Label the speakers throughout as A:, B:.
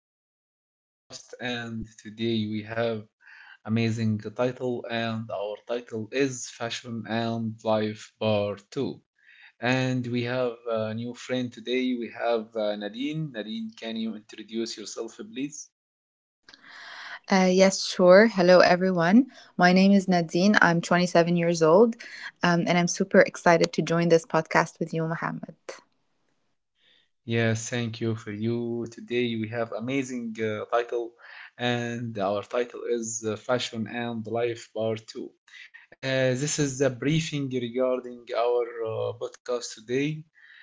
A: our podcast, and today we have amazing title, and our title is Fashion and Life Part Two. And we have a new friend today. We have Nadine. Nadine, can you introduce yourself, please?
B: Yes, sure. Hello, everyone. My name is Nadine. I'm 27 years old, and I'm super excited to join this podcast with you, Mohammed.
A: Yes, thank you for you. Today we have amazing title, and our title is Fashion and Life Part Two. This is the briefing regarding our podcast today.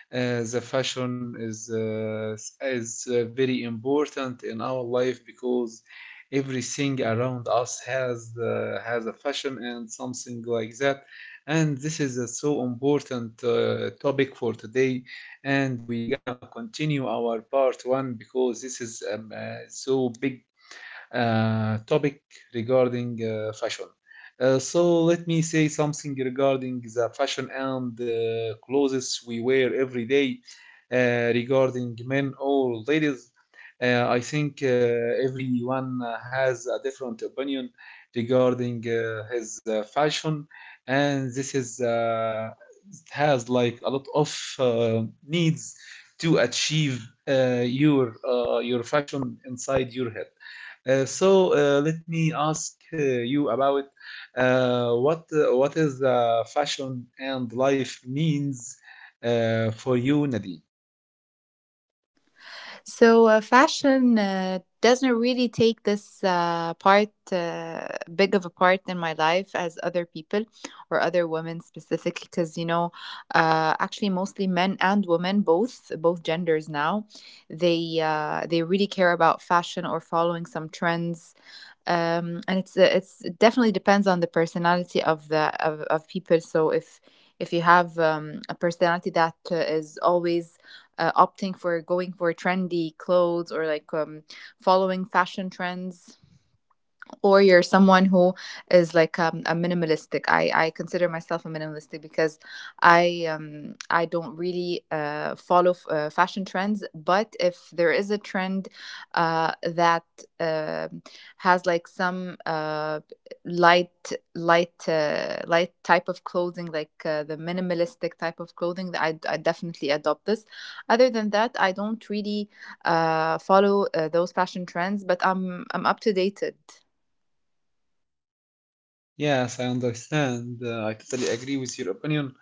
A: The fashion is very important in our life, because everything around us has a fashion and something like that. And this is a so important topic for today, and we're gonna continue our part one, because this is so big topic regarding fashion. So let me say something regarding the fashion and clothes we wear every day, regarding men or ladies. I think everyone has a different opinion regarding his fashion, and this is it has like a lot of uh, needs to achieve your fashion inside your head. So let me ask you about what is fashion and life means for you, Nadine.
B: So, fashion doesn't really take this big of a part in my life as other people or other women specifically, because, you know, actually, mostly men and women, both genders now, they really care about fashion or following some trends, and it's it definitely depends on the personality of the of people. So if you have a personality that is always opting for going for trendy clothes, or like following fashion trends, or you're someone who is like a minimalistic. I consider myself a minimalistic because I I don't really follow fashion trends. But if there is a trend that uh, has like some light light type of clothing, like the minimalistic type of clothing, I definitely adopt this. Other than that, I don't really follow those fashion trends, but I'm up to dated.
A: Yes, I understand. I totally agree with your opinion.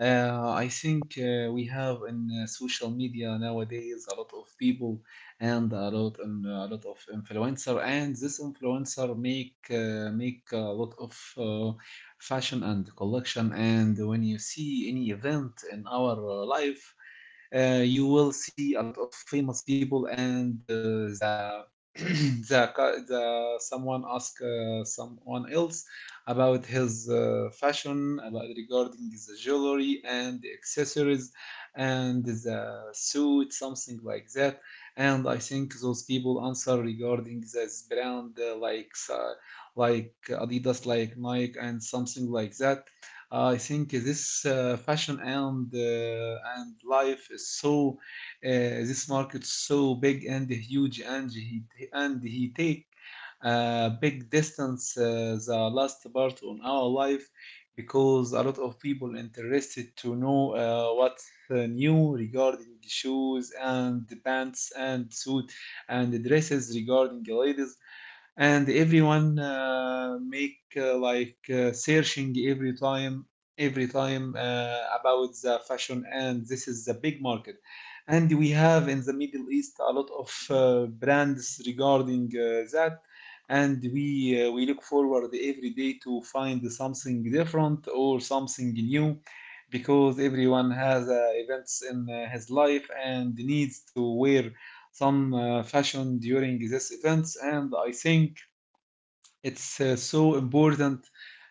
A: I think we have in social media nowadays a lot of people, and a lot of influencer, and this influencer make a lot of fashion and collection. And when you see any event in our life, you will see a lot of famous people, and the the someone ask someone else about his fashion, about regarding the jewelry and the accessories and the suit, something like that. And I think those people answer regarding this brand, like Adidas, like Nike, and something like that. I think this fashion and life is so, this market so big and huge, and he take a big distance, the last part on our life, because a lot of people interested to know what's new regarding the shoes and the pants and suit and the dresses regarding the ladies. And everyone make like searching every time about the fashion, and this is the big market. And we have in the Middle East a lot of brands regarding that, and we look forward every day to find something different or something new, because everyone has events in his life and needs to wear some fashion during these events. And I think it's so important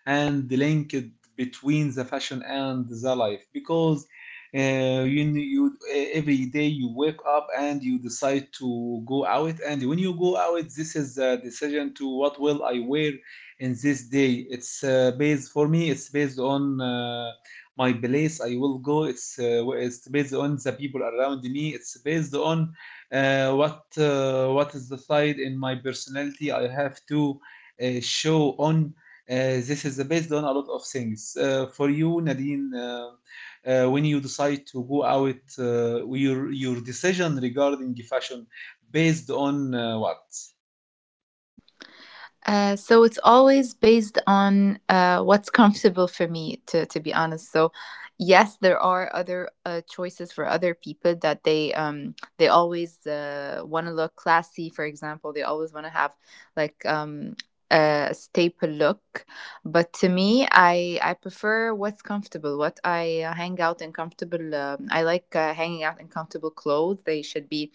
A: and linked between the fashion and the life, because uh, you, you, every day you wake up and you decide to go out, and when you go out, this is the decision to what will I wear in this day. It's based, for me it's based on my place I will go. It's it's based on the people around me. It's based on what is the side in my personality I have to show on. uh, this is based on a lot of things. For you, Nadine, when you decide to go out, your decision regarding fashion based on what?
B: So it's always based on what's comfortable for me, to be honest. So yes, there are other choices for other people that they always want to look classy, for example. They always want to have like a staple look. But to me, I prefer what's comfortable, what I hang out in comfortable. I like hanging out in comfortable clothes. They should be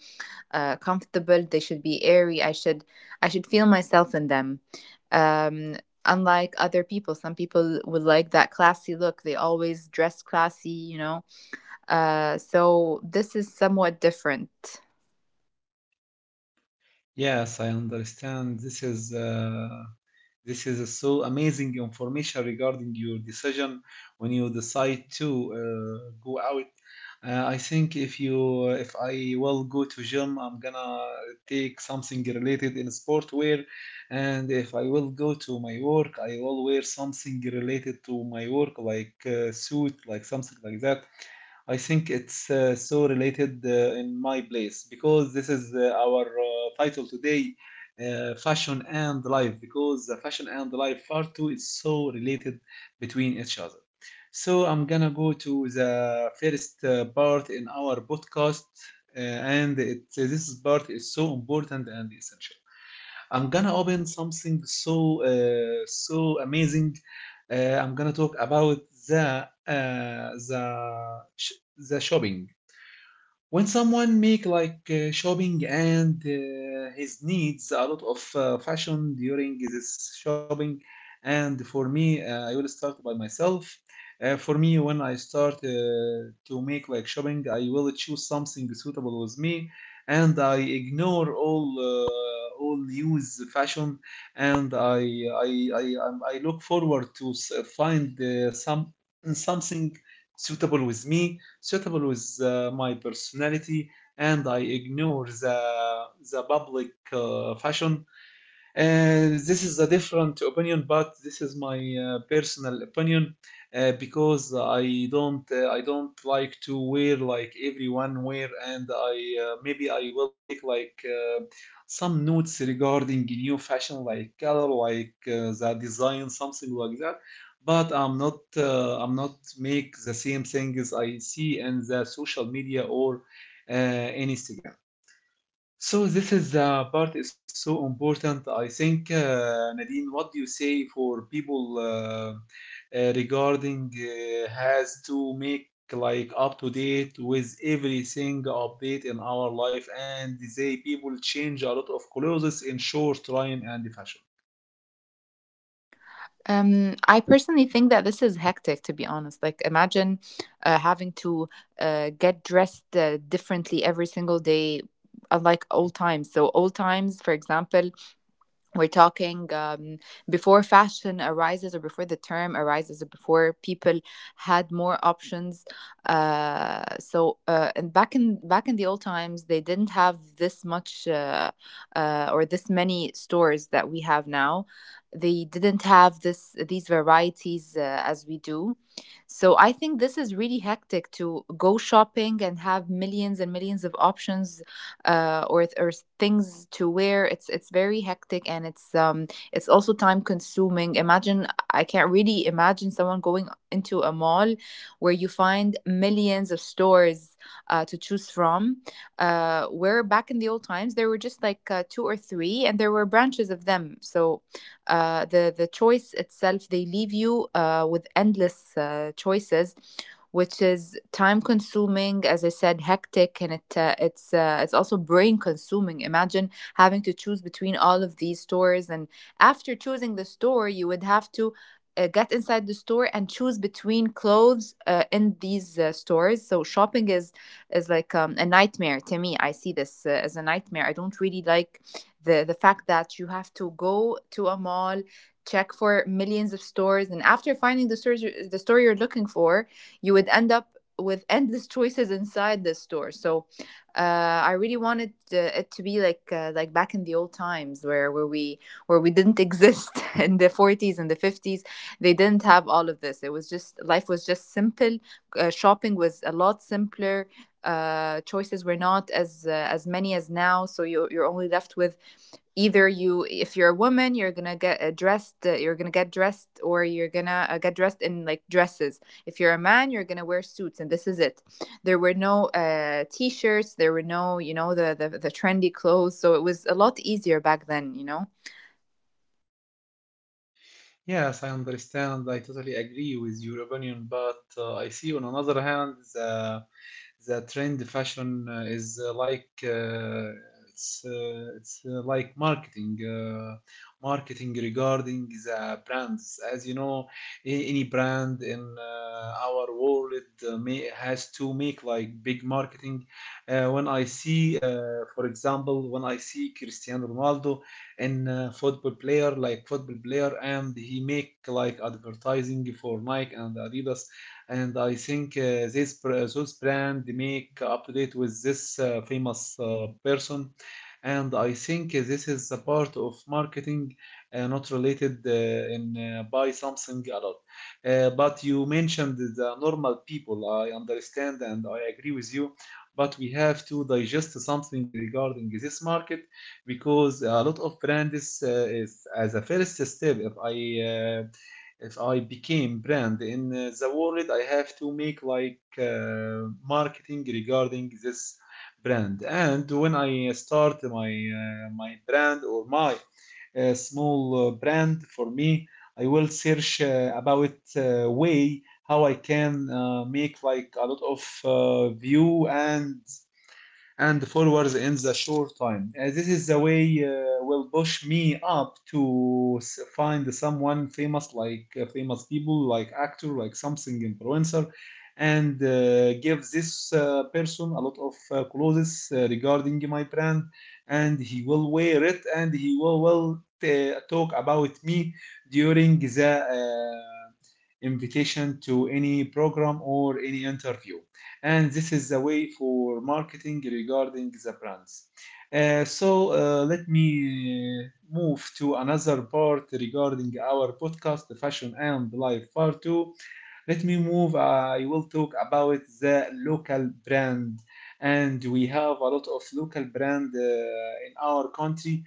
B: comfortable, they should be airy, I should feel myself in them. um, Unlike other people, some people would like that classy look. They always dress classy, you know. So this is somewhat different.
A: Yes, I understand. This is this is a so amazing information regarding your decision when you decide to go out. I think, if I will go to gym, I'm gonna take something related in sportwear, and if I will go to my work, I will wear something related to my work, like suit, like something like that. I think it's so related in my place, because this is our title today, fashion and life, because the fashion and life part two is so related between each other. So I'm gonna go to the first part in our podcast, this part is so important and essential. I'm gonna open something so amazing. I'm gonna talk about the uh, the sh- the shopping, when someone make like shopping and his needs a lot of fashion during this shopping. And for me, I will start by myself. For me, when I start to make like shopping, I will choose something suitable with me, and I ignore all news fashion. And I look forward to find something suitable with me, suitable with my personality, and I ignore the public fashion. This is a different opinion, but this is my personal opinion, because I don't like to wear like everyone wear, and I maybe I will take like some notes regarding new fashion, like color, like the design, something like that. But I'm not make the same things I see in the social media or Instagram. So this is the part is so important. I think, Nadine, what do you say for people, regarding has to make like up to date with everything update in our life, and they people change a lot of colors in short time and fashion.
B: I personally think that this is hectic, to be honest. Like, imagine having to get dressed differently every single day, unlike old times. So, old times, for example, we're talking before fashion arises, or before the term arises, or before people had more options. And back in the old times they didn't have this much, or this many stores that we have now. They didn't have this these varieties as we do. So I think this is really hectic to go shopping and have millions and millions of options or things to wear. It's very hectic, and it's also time consuming. Imagine, I can't really imagine someone going into a mall where you find millions of stores to choose from. Where back in the old times there were just like two or three, and there were branches of them. So the choice itself, they leave you with endless choices, which is time consuming as I said, hectic, and it's also brain consuming. Imagine having to choose between all of these stores, and after choosing the store, you would have to get inside the store and choose between clothes in these stores. So shopping is like a nightmare to me. I see this as a nightmare. I don't really like the fact that you have to go to a mall, check for millions of stores, and after finding the store you're looking for, you would end up with endless choices inside the store. So I really wanted it to be like back in the old times, where we didn't exist in the 40s and the 50s. They didn't have all of this. It was just, life was just simple. Shopping was a lot simpler. Choices were not as as many as now. So you're only left with, either, you if you're a woman, you're gonna get dressed you're gonna get dressed, or you're gonna get dressed in like dresses. If you're a man, you're gonna wear suits, and this is it. There were no t-shirts, there were no, you know, the trendy clothes. So it was a lot easier back then, you know.
A: Yes, I understand. I totally agree with your opinion, but I see on another hand, the trend fashion is like it's like marketing regarding the brands. As you know, any brand in our world has to make like big marketing. When I see, for example, when I see Cristiano Ronaldo, in football player, and he make like advertising for Nike and Adidas, and I think those brand make up to date with this famous person, and I think this is a part of marketing, not related in buy something a lot. But you mentioned the normal people. I understand and I agree with you. But we have to digest something regarding this market, because a lot of brands is, as a first step, uh, if I became brand in the world, I have to make like marketing regarding this brand. And when I start my brand, or my small brand, for me I will search about way how I can make like a lot of view and forwards in the short time. This is the way will push me up to find someone famous, like famous people, like actor, like something influencer, and give this person a lot of clothes regarding my brand, and he will wear it, and he will talk about me during the invitation to any program or any interview. And this is the way for marketing regarding the brands. So let me move to another part regarding our podcast, the fashion and life part two. Let me move. I will talk about the local brand, and we have a lot of local brand in our country.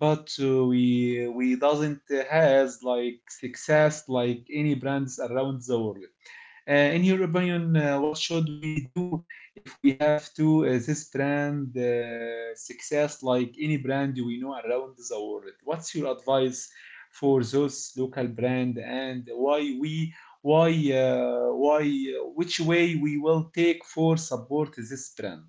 A: But we doesn't has like success like any brands around the world. In your opinion, what should we do if we have to this brand success like any brand we know around the world? What's your advice for those local brand, and why we why which way we will take for support this brand?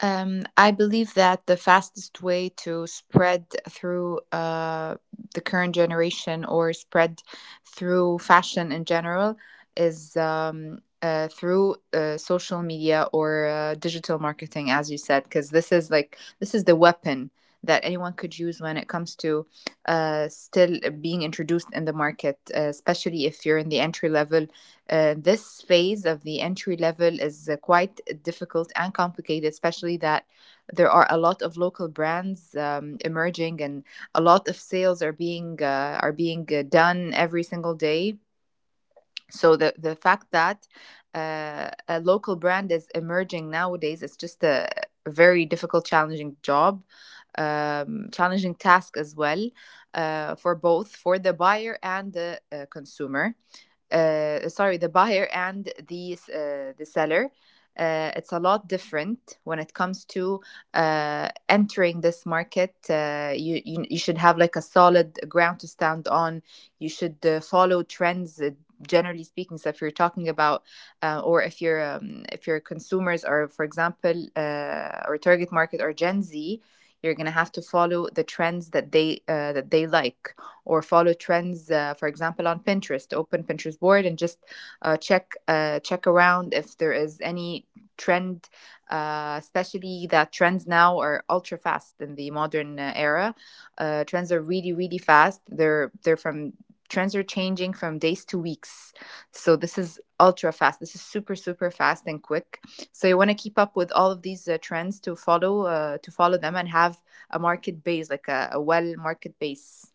B: I believe that the fastest way to spread through the current generation, or spread through fashion in general, is through social media or digital marketing, as you said, because this is like, this is the weapon that anyone could use when it comes to still being introduced in the market, especially if you're in the entry level. This phase of the entry level is quite difficult and complicated, especially that there are a lot of local brands emerging, and a lot of sales are being done every single day. So the fact that a local brand is emerging nowadays is just a very difficult, challenging job, challenging task as well, for both, for the buyer and the the buyer and the seller. It's a lot different when it comes to entering this market. You should have like a solid ground to stand on. You should follow trends. Generally speaking, so if you're talking about, or if your consumers are, for example, or target market, or Gen Z, you're gonna have to follow the trends that they like, or follow trends, for example, on Pinterest. Open Pinterest board and just check around if there is any trend, especially that trends now are ultra fast in the modern era. Trends are really really fast. They're from Trends are changing from days to weeks. So this is ultra fast. This is super super fast and quick. So you want to keep up with all of these trends, to follow them and have a market base, like a well market base.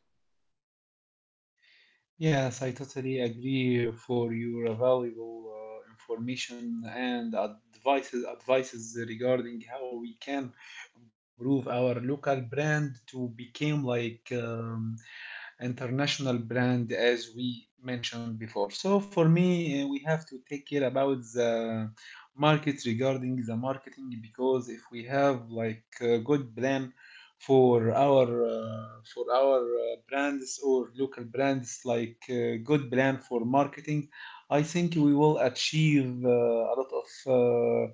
A: Yes, I totally agree for your valuable information and advices regarding how we can improve our local brand to become like international brand, as we mentioned before. So for me, we have to take care about the market regarding the marketing, because if we have like a good plan for our uh, for our brands or local brands, like good plan for marketing, I think we will achieve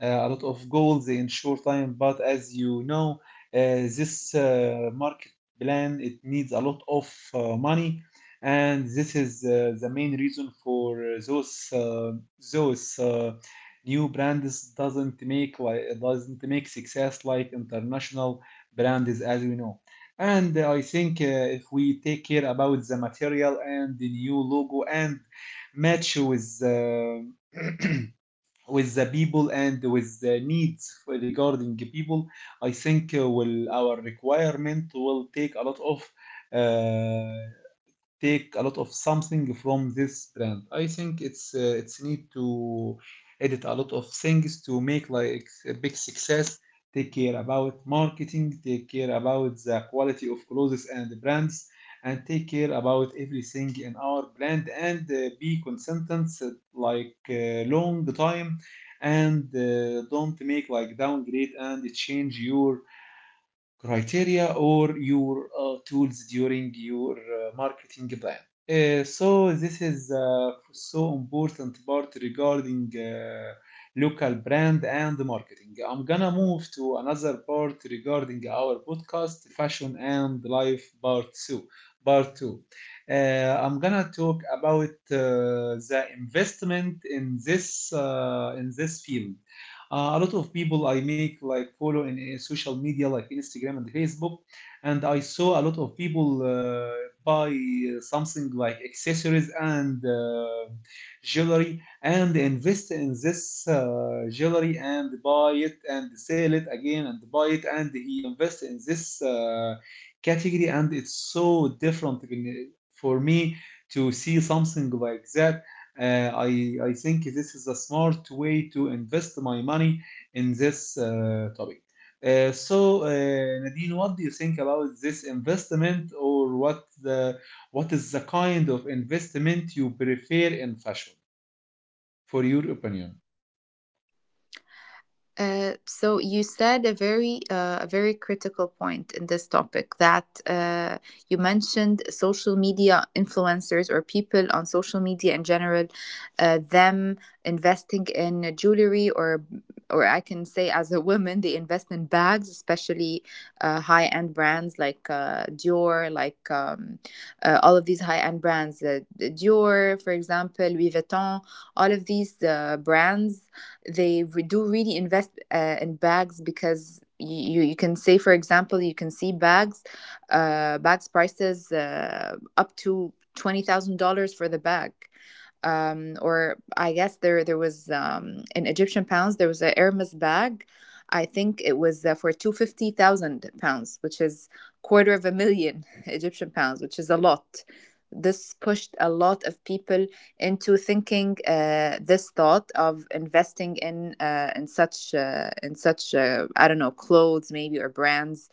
A: a lot of goals in short time. But as you know, uh, this market plan, it needs a lot of money, and this is the main reason for those new brands doesn't make success like international brands as we know. And I think if we take care about the material and the new logo, and match with with the people and with the needs for regarding people, I think will our requirement will take uh, a lot of something from this brand. I think it's need to edit a lot of things to make like a big success. Take care about marketing, take care about the quality of clothes and brands, and take care about everything in our brand and be consistent like long time and don't make like downgrade and change your criteria or your tools during your marketing plan. So this is so important part regarding local brand and marketing. I'm gonna move to another part regarding our podcast, fashion and life part two. Part two. Uh, I'm gonna talk about the investment in this field, a lot of people I make like follow in social media like Instagram and Facebook, and I saw a lot of people buy something like accessories and jewelry, and invest in this jewelry and buy it and sell it again and buy it and he invest in this category. And it's so different for me to see something like that. I think this is a smart way to invest my money in this topic. So, Nadine, what do you think about this investment, or what is the kind of investment you prefer in fashion, for your opinion?
B: So you said a very critical point in this topic, that you mentioned social media influencers or people on social media in general, them investing in jewelry, or I can say, as a woman, they invest in bags, especially high end brands like Dior, like all of these high end brands, Dior for example, Louis Vuitton, all of these brands, they do really invest in bags. Because you can say, for example, you can see bags prices up to $20,000 for the bag. Or I guess there, there was, in Egyptian pounds, there was a Hermes bag. I think it was for 250,000 pounds, which is quarter of a million Egyptian pounds, which is a lot. This pushed a lot of people into thinking this thought of investing in in such I don't know, clothes maybe, or brands.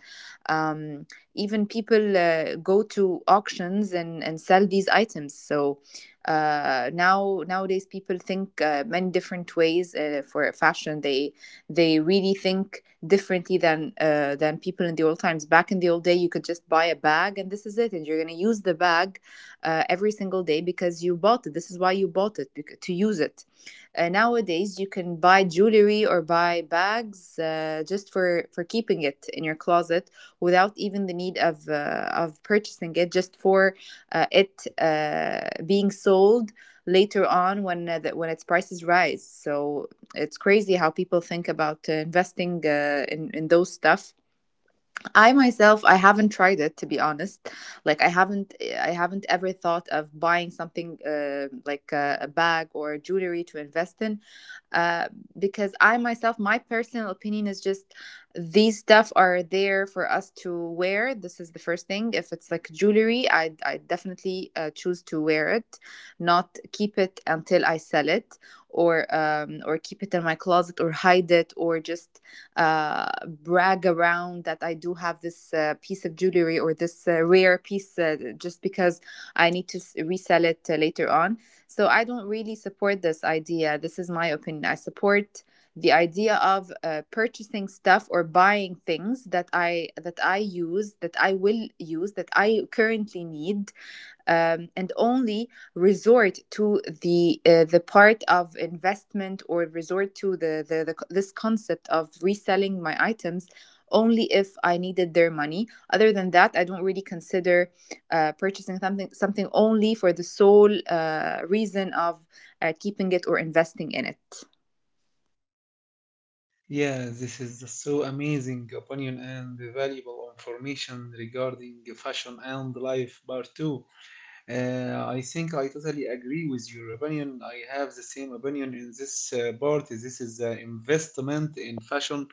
B: Um, Even people go to auctions and sell these items. So nowadays people think many different ways for fashion. They really think differently than people in the old times. Back in the old day, you could just buy a bag and this is it, and you're gonna use the bag every single day because you bought it. This is why you bought it, to use it. Nowadays, you can buy jewelry or buy bags just for keeping it in your closet, without even the need of purchasing it. Just for it being sold later on when when its prices rise. So it's crazy how people think about investing in those stuff. I myself, I haven't tried it, to be honest. I haven't ever thought of buying something like a bag or jewelry to invest in, uh, because I myself, my personal opinion is just, these stuff are there for us to wear. This is the first thing. If it's like jewelry, I definitely choose to wear it, not keep it until I sell it, or keep it in my closet, or hide it, or just brag around that I do have this piece of jewelry, or this rare piece, just because I need to resell it later on. So I don't really support this idea. This is my opinion. I support the idea of purchasing stuff, or buying things that I use, that I will use, that I currently need, and only resort to the part of investment, or resort to the this concept of reselling my items only if I needed their money. Other than that, I don't really consider purchasing something only for the sole reason of keeping it or investing in it.
A: Yeah, this is so amazing opinion and valuable information regarding fashion and life part two. I think I totally agree with your opinion. I have the same opinion in this part. This is an investment in fashion,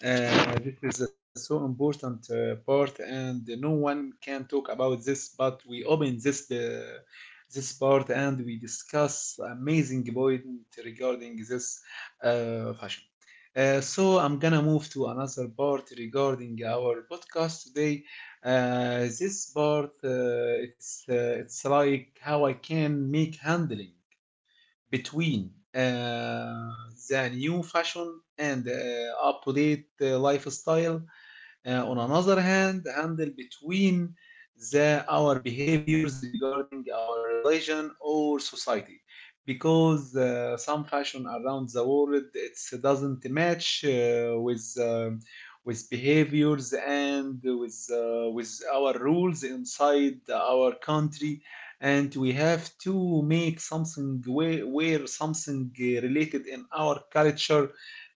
A: this is a so important part, and no one can talk about this. But we open this part, and we discuss amazing point regarding this fashion. So I'm gonna move to another part regarding our podcast today. This part, it's like how I can make handling between the new fashion and up to date lifestyle. On another hand, handle between the our behaviors regarding our religion or society, because some fashion around the world it doesn't match with behaviors and with our rules inside our country. And we have to make something where something related in our culture.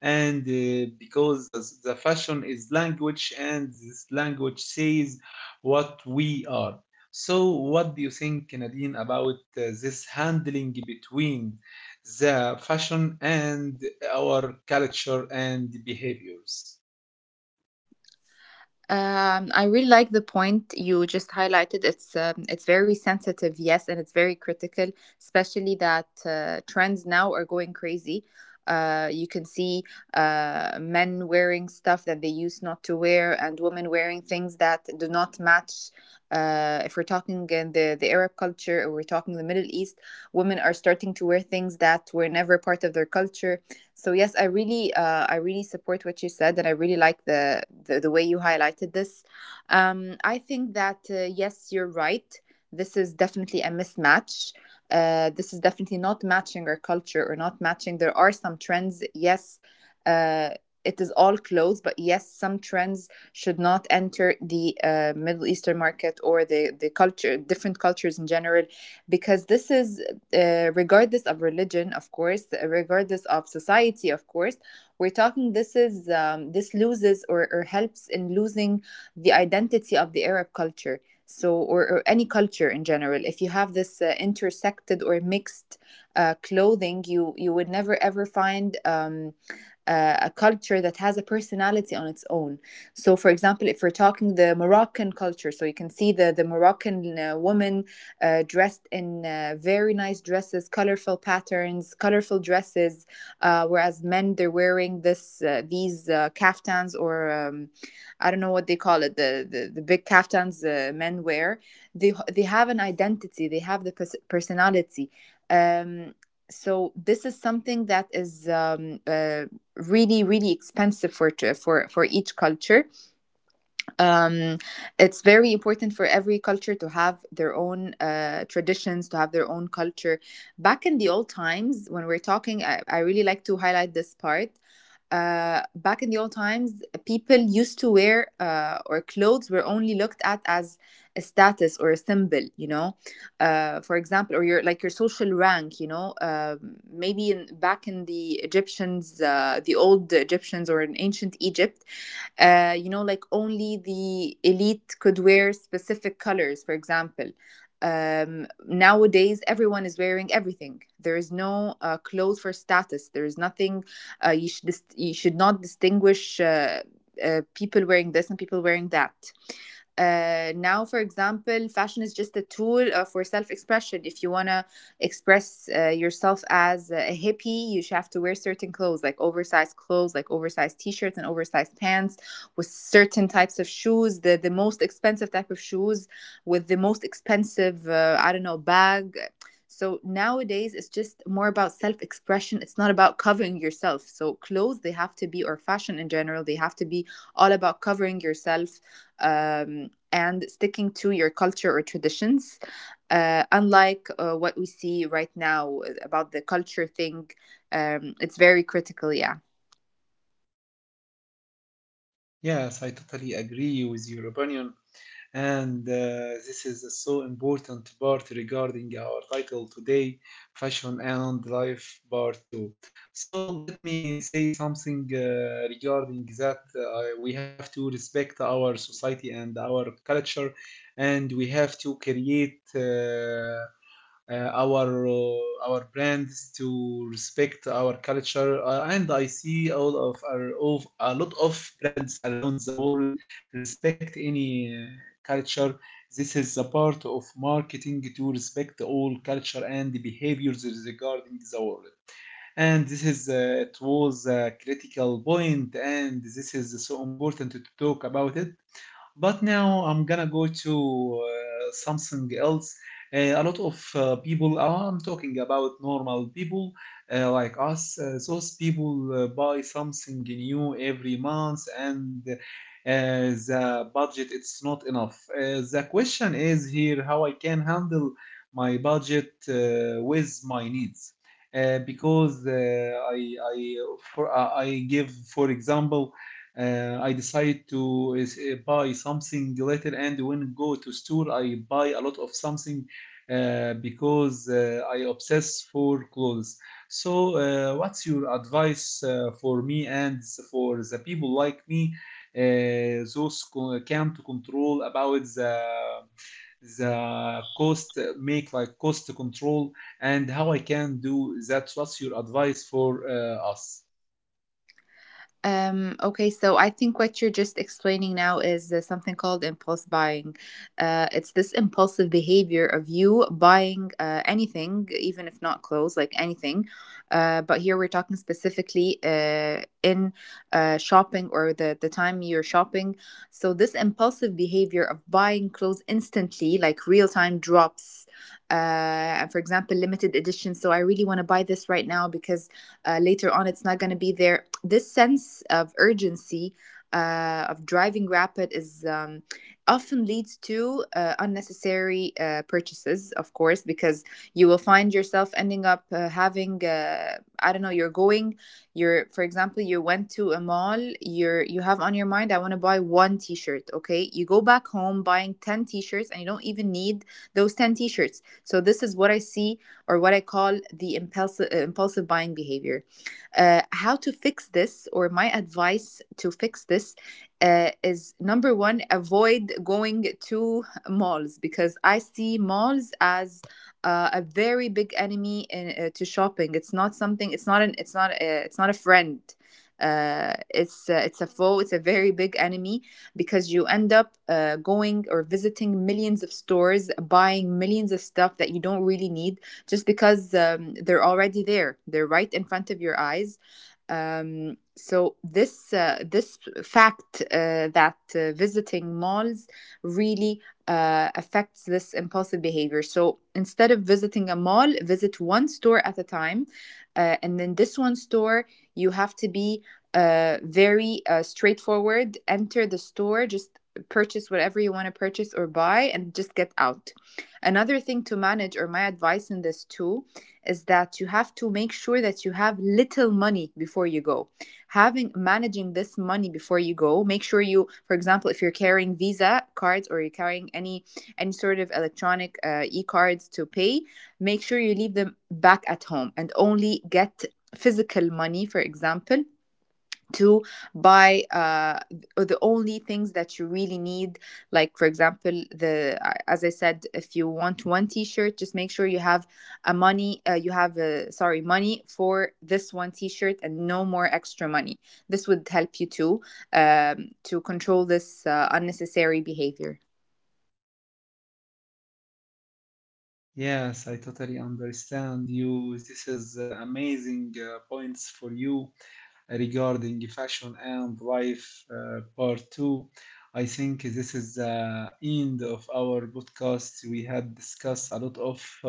A: And Because the fashion is language, and this language says what we are. So what do you think, Nadine, about this handling between the fashion and our culture and behaviors?
B: I really like the point you just highlighted. It's very sensitive, yes, and it's very critical, especially that trends now are going crazy. You can see men wearing stuff that they used not to wear, and women wearing things that do not match. If we're talking in the Arab culture or we're talking the Middle East, women are starting to wear things that were never part of their culture, so yes, I really support what you said, and I really like the the way you highlighted this. I think that yes, you're right. This is definitely a mismatch. This is definitely not matching our culture or not matching. There are some trends. Yes, uh, it is all clothes, but yes, some trends should not enter the Middle Eastern market or the culture, different cultures in general, because this is regardless of religion, of course, regardless of society, of course, we're talking, this is this loses or helps in losing the identity of the Arab culture. So, or any culture in general, if you have this intersected or mixed clothing, you would never ever find a culture that has a personality on its own. So, for example, if we're talking the Moroccan culture, so you can see the Moroccan woman dressed in very nice dresses, colorful patterns, colorful dresses, whereas men, they're wearing this these kaftans or I don't know what they call it, the the big kaftans men wear. They have an identity, they have the personality. Um, so this is something that is really really expensive for to, for for each culture, um, it's very important for every culture to have their own traditions, to have their own culture. Back in the old times, when we're talking, I really like to highlight this part. Back in the old times, people used to wear or clothes were only looked at as a status or a symbol, you know. For example, or your, like your social rank, you know. Maybe in back in the Egyptians, the old Egyptians or in ancient Egypt, you know, like only the elite could wear specific colors, for example. Nowadays, everyone is wearing everything. There is no clothes for status. There is nothing. You should you should not distinguish people wearing this and people wearing that. Now, for example, fashion is just a tool for self-expression. If you want to express yourself as a hippie, you should have to wear certain clothes, like oversized clothes, like oversized t-shirts and oversized pants, with certain types of shoes, the, most expensive type of shoes, with the most expensive I don't know, bag. So nowadays it's just more about self-expression, it's not about covering yourself. So clothes, they have to be, or fashion in general, they have to be all about covering yourself, um, and sticking to your culture or traditions. Unlike what we see right now about the culture thing, it's very critical. Yeah.
A: Yes, I totally agree with your opinion. And this is a so important part regarding our title today, Fashion and Life Part 2. So let me say something regarding that. We have to respect our society and our culture, and we have to create our brands to respect our culture, and I see all of our of a lot of brands around the world respect any culture. This is a part of marketing to respect all culture and behaviors regarding the world. And this is it was a critical point, and this is so important to talk about it. But now I'm gonna go to something else. A lot of people, I'm talking about normal people like us, those people buy something new every month, and the budget it's not enough. The question is here, how I can handle my budget with my needs. Because I give, for example, I decide to buy something later, and when go to store, I buy a lot of something because I obsess for clothes. So, what's your advice for me and for the people like me, can't control about the cost, make like cost control, and how I can do that? What's your advice for us?
B: Okay, so I think what you're just explaining now is something called impulse buying. It's this impulsive behavior of you buying anything, even if not clothes, like anything. But here we're talking specifically in shopping or the time you're shopping. So, this impulsive behavior of buying clothes instantly, like real time drops, and for example, limited edition. So, I really want to buy this right now because later on it's not going to be there, this sense of urgency of driving rapid is often leads to unnecessary purchases, of course, because you will find yourself ending up having I don't know. You're going, you're, for example, you went to a mall. You're, you have on your mind, I want to buy one T-shirt. Okay, you go back home buying ten T-shirts, and you don't even need those ten T-shirts. So this is what I see or what I call the impulsive, impulsive buying behavior. How to fix this, or my advice to fix this, is number one, avoid going to malls because I see malls as a very big enemy in, to shopping. It's not something. It's not an. It's not. A, it's not a friend. It's it's a foe. It's a very big enemy because you end up going or visiting millions of stores, buying millions of stuff that you don't really need, just because they're already there, they're right in front of your eyes, so this this fact that visiting malls really affects this impulsive behavior. So instead of visiting a mall, visit one store at a time, and then this one store, you have to be very straightforward. Enter the store, just purchase whatever you want to purchase or buy, and just get out. Another thing to manage, or my advice in this too, is that you have to make sure that you have little money before you go. Having managing this money before you go, make sure you, for example, if you're carrying Visa cards or you're carrying any sort of electronic e-cards to pay, make sure you leave them back at home and only get physical money, for example, to buy the only things that you really need, like for example the as I said, if you want one t-shirt, just make sure you have a money, you have a, sorry, money for this one t-shirt and no more extra money. This would help you too, to control this unnecessary behavior.
A: Yes, I totally understand you. This is amazing points for you regarding fashion and life part two. I think this is the end of our podcast. We had discussed a lot of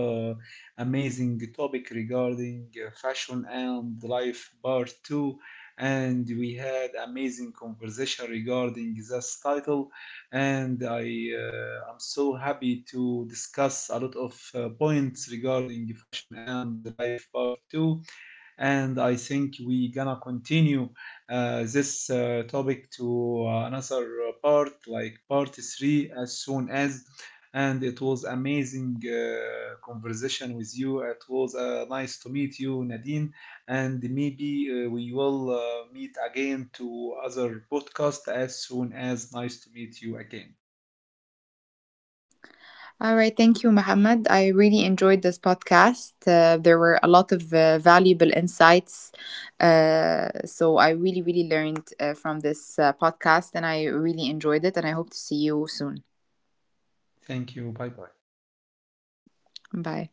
A: amazing topic regarding fashion and life part two, and we had amazing conversation regarding this title. And I am so happy to discuss a lot of points regarding fashion and life part two, and I think we gonna continue this topic to another part, like part three, as soon as. And it was amazing conversation with you. It was nice to meet you, Nadine. And maybe we will meet again to other podcast as soon as. Nice to meet you again.
B: All right, thank you, Mohammed. I really enjoyed this podcast. There were a lot of valuable insights. So I really, really learned from this podcast and I really enjoyed it. And I hope to see you soon.
A: Thank you. Bye bye.
B: Bye.